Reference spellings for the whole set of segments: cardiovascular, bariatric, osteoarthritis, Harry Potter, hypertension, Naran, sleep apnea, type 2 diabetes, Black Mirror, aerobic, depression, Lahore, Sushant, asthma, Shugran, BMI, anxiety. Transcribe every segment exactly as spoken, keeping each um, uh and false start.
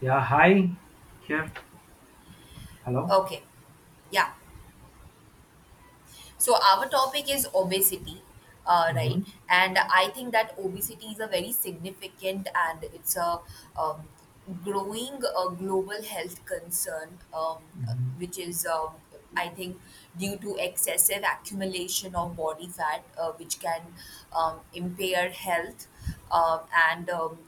Yeah, hi. Here. Hello. Okay, yeah. So our topic is obesity, uh, Mm-hmm. right? And I think that obesity is a very significant and it's a um, growing uh, global health concern, um, Mm-hmm. which is, um, I think, due to excessive accumulation of body fat, uh, which can um, impair health uh, and um,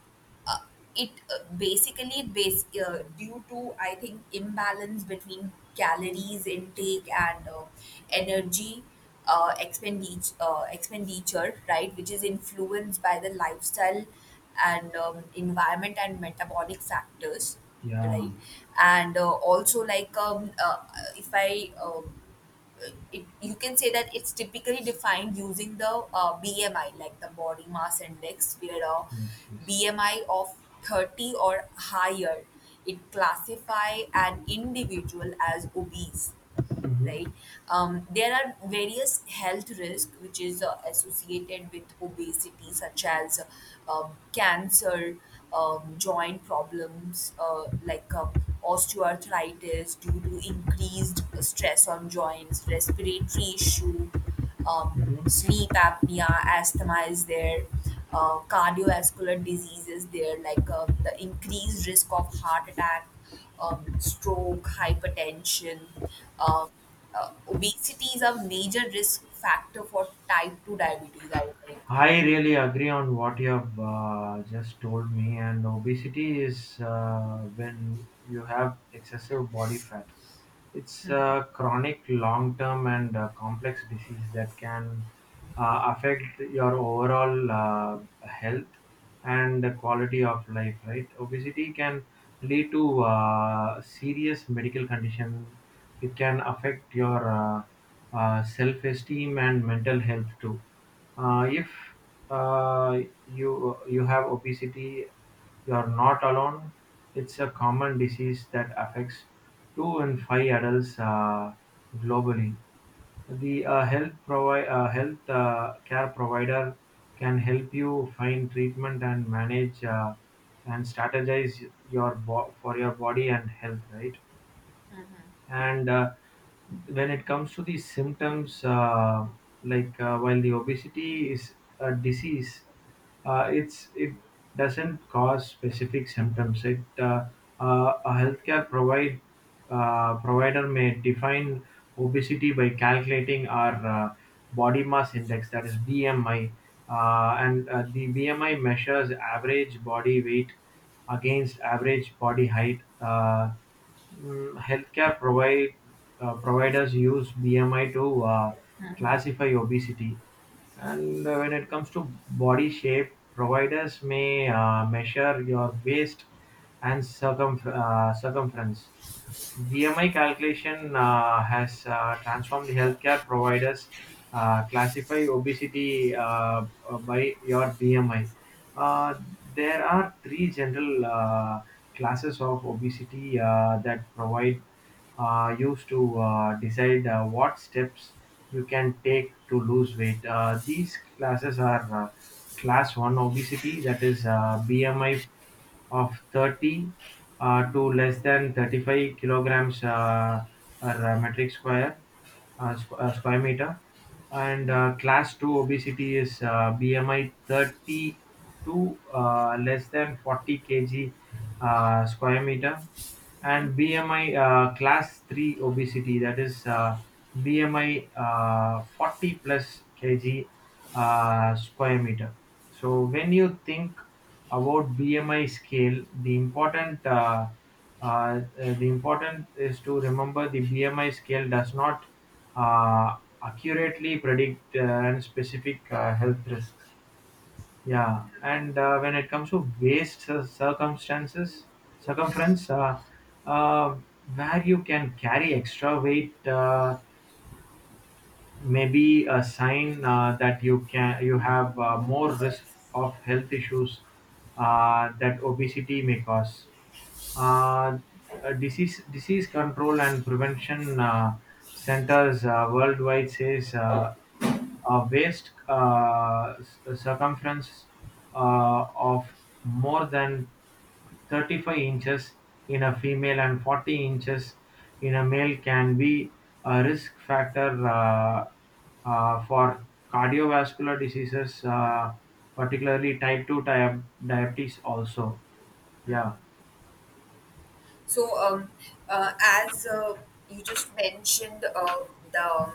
uh, it uh, basically base uh, due to I think imbalance between calories intake and uh, energy uh, expenditure, uh, expenditure, right, which is influenced by the lifestyle and um, environment and metabolic factors, Yeah, right, and uh, also like um, uh, if I uh, it, you can say that it's typically defined using the uh, B M I, like the body mass index, where a yes, yes. B M I of thirty or higher, it classify an individual as obese, Mm-hmm. right? Um, there are various health risks which is uh, associated with obesity, such as uh, um, cancer, um, joint problems uh, like uh, osteoarthritis due to increased stress on joints, respiratory issue, um, Mm-hmm. sleep apnea, asthma is there. Uh, Cardiovascular diseases there like um, the increased risk of heart attack, um, stroke, hypertension. uh, uh, Obesity is a major risk factor for type two diabetes, I think. I really agree on what you have uh, just told me. And obesity is uh, when you have excessive body fat. It's a chronic, long term, and uh, complex disease that can uh, affect your overall uh, health and the quality of life, right? Obesity can lead to uh, serious medical condition. It can affect your uh, uh, self esteem and mental health too. Uh, if uh, you you have obesity, you're not alone. It's a common disease that affects two in five adults uh, globally. The uh, health, provi- uh, health uh, care provider can help you find treatment and manage, uh, and strategize your bo- for your body and health, right? And uh, when it comes to the symptoms, uh, like uh, while the obesity is a disease, uh, it's it doesn't cause specific symptoms. It uh, uh, a healthcare provide uh, provider may define obesity by calculating our uh, body mass index, that is BMI. Uh, and uh, the BMI measures average body weight against average body height. Uh, Mm, healthcare provide uh, providers use B M I to uh, classify obesity. And uh, when it comes to body shape, providers may uh, measure your waist and circumf- uh, circumference. B M I calculation uh, has uh, transformed healthcare providers. Uh, classify obesity uh, uh, by your B M I. Uh, there are three general uh, classes of obesity uh, that provide uh, used to uh, decide uh, what steps you can take to lose weight. Uh, these classes are, uh, class one obesity, that is uh, B M I of thirty uh, to less than thirty-five kilograms uh, per uh, metric square, uh, squ- uh, square meter. And uh, class two obesity is uh, B M I thirty to uh, less than forty kg uh, square meter. And B M I uh, class three obesity, that is uh, B M I uh, forty plus kg uh, square meter. So, when you think about B M I scale, the important, uh, uh, uh, the important is to remember the B M I scale does not uh, accurately predict uh, and specific uh, health risks. Yeah. And uh, when it comes to waste cir- circumstances, circumference, uh, uh, where you can carry extra weight. Uh, maybe a sign uh, that you can you have uh, more risk of health issues uh, that obesity may cause. Uh, uh, disease disease control and prevention uh, centers uh, worldwide says uh, a waist uh, s- circumference uh, of more than Thirty-five inches in a female and forty inches in a male can be a risk factor uh, uh, for cardiovascular diseases, uh, particularly type two dia- diabetes also. Yeah. So, um, uh, as uh, you just mentioned, uh, the um,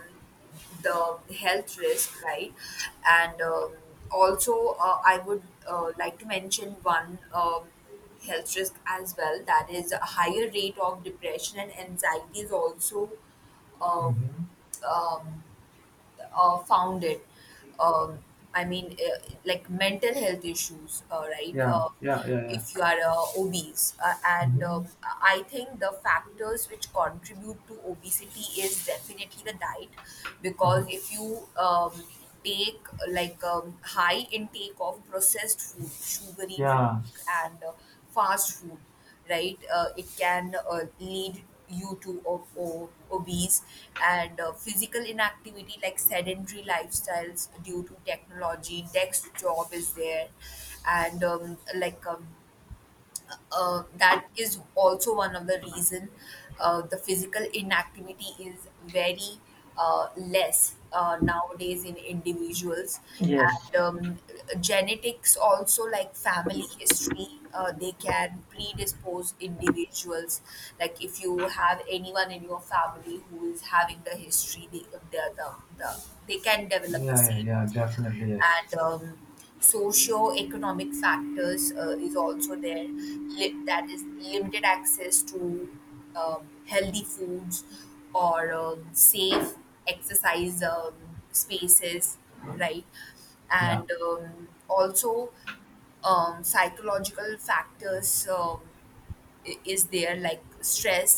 the health risk, right? And um, also, uh, I would uh, like to mention one um, health risk as well. That is, a higher rate of depression and anxiety is also um, Hmm. um, uh, found it. Um, I mean, uh, like mental health issues, uh, right? Yeah, Uh, yeah, yeah, If you yeah. are uh, obese, uh, and um, Hmm. I think the factors which contribute to obesity is definitely the diet, because Mhm. if you um, take like um, high intake of processed food, sugary drink, Yeah, and uh, fast food, right? Uh, it can uh, lead you to o- o- obese, and uh, physical inactivity like sedentary lifestyles due to technology. Desk job is there, and um, like um, uh, that is also one of the reason uh, the physical inactivity is very uh, less uh, nowadays in individuals, yes, and um, genetics also like family history, uh, they can predispose individuals, like if you have anyone in your family who is having the history, they, the, the, the, they can develop the yeah, yeah, same. yeah, definitely, yes. And um, socio-economic factors uh, is also there. Li- that is limited access to um, healthy foods or um, safe exercise um, spaces, right? Yeah, And um, also um, psychological factors. Um, i- is there like stress,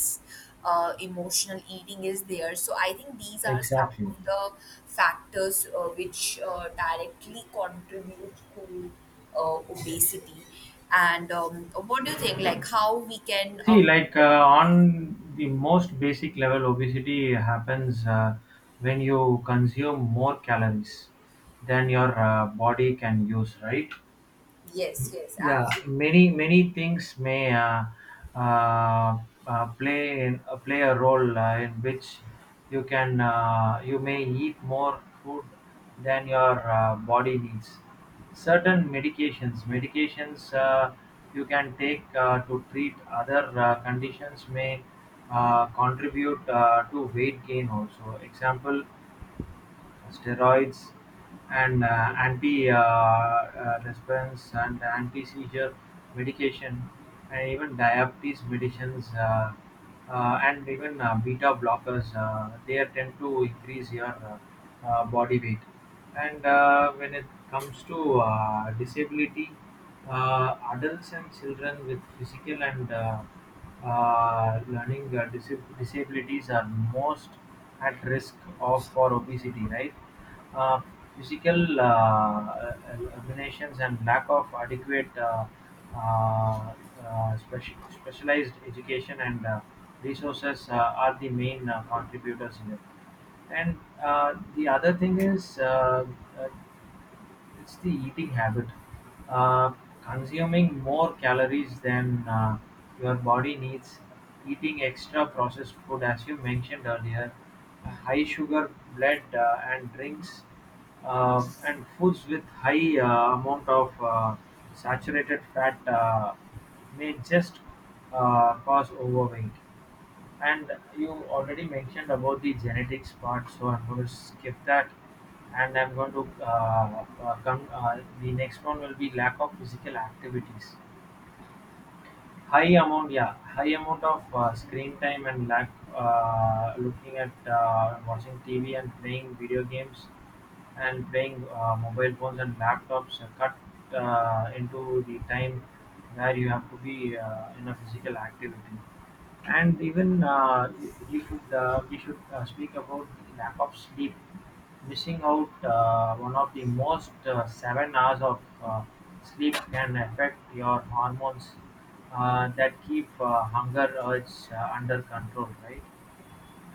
uh, emotional eating is there. So I think these are some exactly. of the factors uh, which uh, directly contribute to uh, obesity. And um, what do you think, like how we can, uh, See, like uh, on the most basic level, obesity happens uh, when you consume more calories than your uh, body can use, right? yes, yes, Yeah, absolutely. many many things may uh, uh, uh, play in, uh, play a role uh, in which you can uh, you may eat more food than your uh, body needs. Certain medications medications uh, you can take uh, to treat other uh, conditions may uh, contribute uh, to weight gain also. Example, steroids, and uh, anti uh, uh, response and anti-seizure medication, and even diabetes medicines, uh, uh, and even uh, beta blockers, uh, they are tend to increase your uh, uh, body weight. And uh, when it comes to uh, disability, uh, adults and children with physical and uh, uh, learning uh, dis- disabilities are most at risk of for obesity, right? Uh, Physical uh, examinations and lack of adequate uh, uh, uh, speci- specialized education and uh, resources uh, are the main uh, contributors in it. And uh, the other thing is, uh, uh, it's the eating habit. Uh, Consuming more calories than uh, your body needs, eating extra processed food, as you mentioned earlier, uh, high sugar, bread, uh, and drinks, uh, and foods with high uh, amount of uh, saturated fat uh, may just uh, cause overweight. And you already mentioned about the genetics part, so I'm going to skip that. And I'm going to uh, uh, come. Uh, the next one will be lack of physical activities. High amount, yeah, high amount of uh, screen time and lack, uh, looking at, uh, watching T V and playing video games, and playing uh, mobile phones and laptops uh, cut uh, into the time where you have to be uh, in a physical activity. And even, uh, you should, uh, we should uh, speak about the lack of sleep. Missing out uh, one of the most uh, seven hours of uh, sleep can affect your hormones uh, that keep uh, hunger urge uh, under control, right?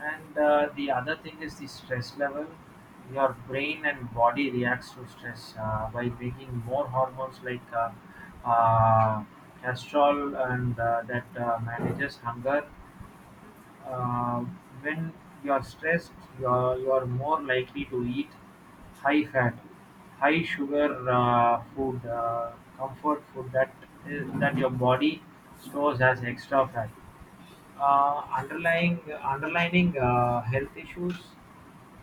And uh, the other thing is the stress level. Your brain and body reacts to stress uh, by making more hormones like uh, uh, castrol, and uh, that uh, manages hunger uh, when you're stressed. You're, you're more likely to eat high fat, high sugar uh, food, uh, comfort food, that is, that your body stores as extra fat. Uh, underlying underlining uh, health issues,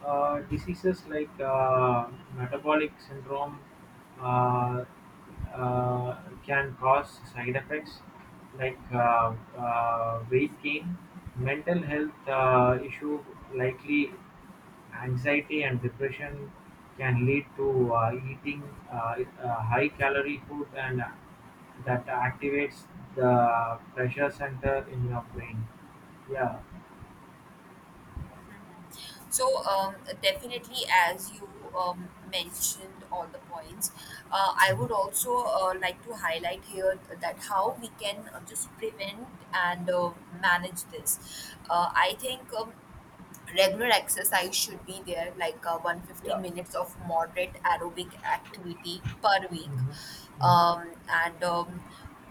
uh, diseases like uh, metabolic syndrome uh, uh, can cause side effects like uh, uh, weight gain, mental health uh, issue. Likely anxiety and depression can lead to uh, eating uh, uh, high calorie food, and uh, that activates the pressure center in your brain. Yeah. So um, definitely, as you um, mentioned all the points, uh, I would also uh, like to highlight here that how we can uh, just prevent and uh, manage this. Uh, I think um, regular exercise should be there, like uh, one hundred fifty Yeah. minutes of moderate aerobic activity per week, Mhm. Mhm. um, and um,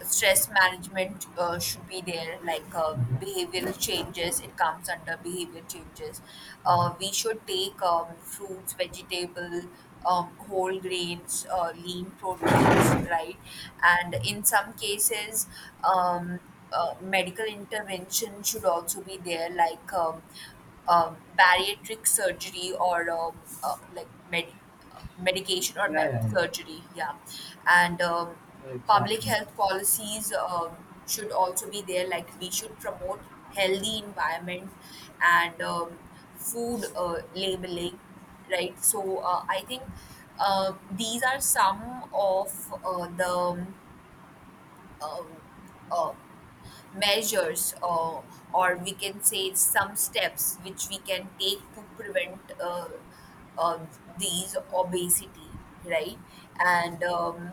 stress management uh, should be there, like um, Mhm. behavioral changes, it comes under behavior changes. uh, Mhm. We should take um, fruits, vegetable, um, whole grains, uh, lean proteins, right? And in some cases, um, uh, medical intervention should also be there, like um, um, bariatric surgery or um, uh, like med- uh, medication or Yeah, me- yeah, surgery. Yeah, and um, yeah. public Exactly. health policies um, should also be there. Like we should promote healthy environment and um, food uh, labeling, right? So uh, I think uh, these are some of uh, the um, uh, measures uh, or we can say some steps which we can take to prevent uh, uh, these obesity, right? And um,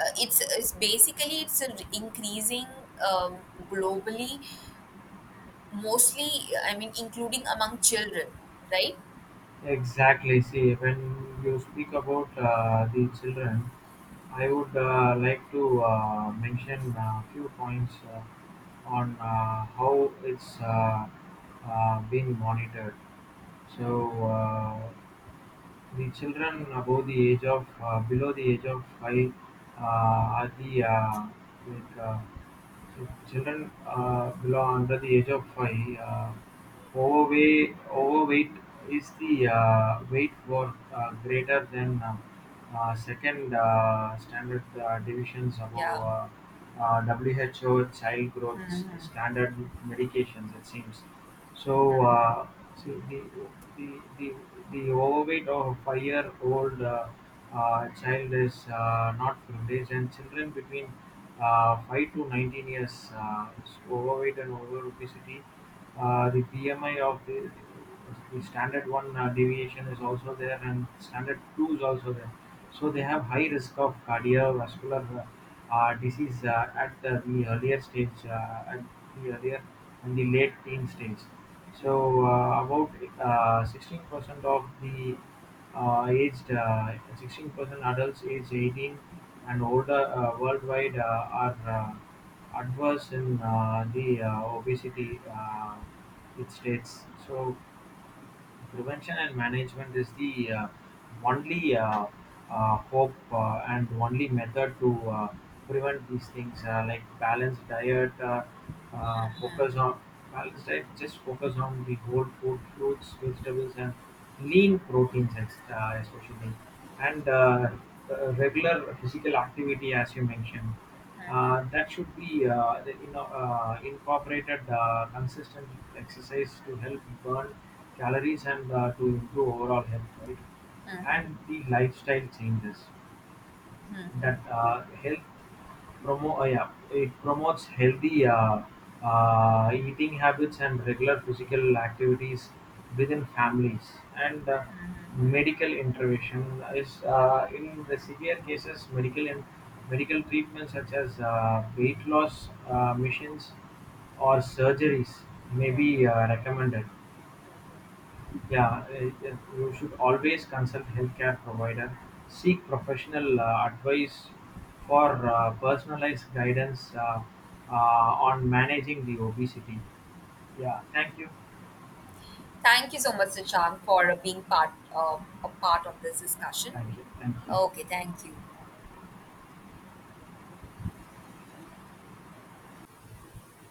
uh, it's, it's basically, it's a re- increasing um, globally, mostly, I mean, including among children, right? Exactly. See, when you speak about uh, the children, I would uh, like to uh, mention a few points uh, on uh, how it's uh, uh, being monitored. So, uh, the children above the age of, uh, below the age of five, uh, are the, uh, like, uh, ch- children uh, below under the age of five. Uh, overweight overweight is the uh, weight for uh, greater than uh, uh, second uh, standard uh, divisions above. Yeah. Uh, uh, W H O child growth standard medications, it seems. So uh, see, the the the the overweight of a five-year-old uh, uh, child is uh, not privileged, and children between uh, five to nineteen years uh, is overweight and over obesity. Uh, the B M I of the the standard one uh, deviation is also there, and standard two is also there, so they have high risk of cardiovascular uh, uh, disease uh, at the, the earlier stage, uh, at the earlier and the late teen stage. So uh, about uh, sixteen percent of the uh, aged, uh, sixteen percent adults aged eighteen and older uh, worldwide uh, are uh, adverse in uh, the uh, obesity, uh, it states so. Prevention and management is the uh, only uh, uh, hope uh, and only method to uh, prevent these things, uh, like balanced diet. Uh, uh, focus on balanced diet, just focus on the whole food, fruits, vegetables, and lean proteins, ex- uh, especially. And uh, uh, regular physical activity, as you mentioned. Uh, that should be uh, the, you know, uh, incorporated uh, consistent exercise to help burn calories and uh, to improve overall health, right? Mhm. And the lifestyle changes, that uh, health promo uh, yeah, it promotes healthy uh, uh, eating habits and regular physical activities within families. And uh, medical intervention is uh, in the severe cases, medical and medical treatment such as uh, weight loss uh, missions or surgeries may be uh, recommended. Yeah, uh, uh, you should always consult healthcare provider. Seek professional uh, advice for uh, personalized guidance uh, uh, on managing the obesity. Yeah, thank you, Thank you so much, Sushant, for uh, being part of a part of this discussion. thank you, thank Okay, you. thank you.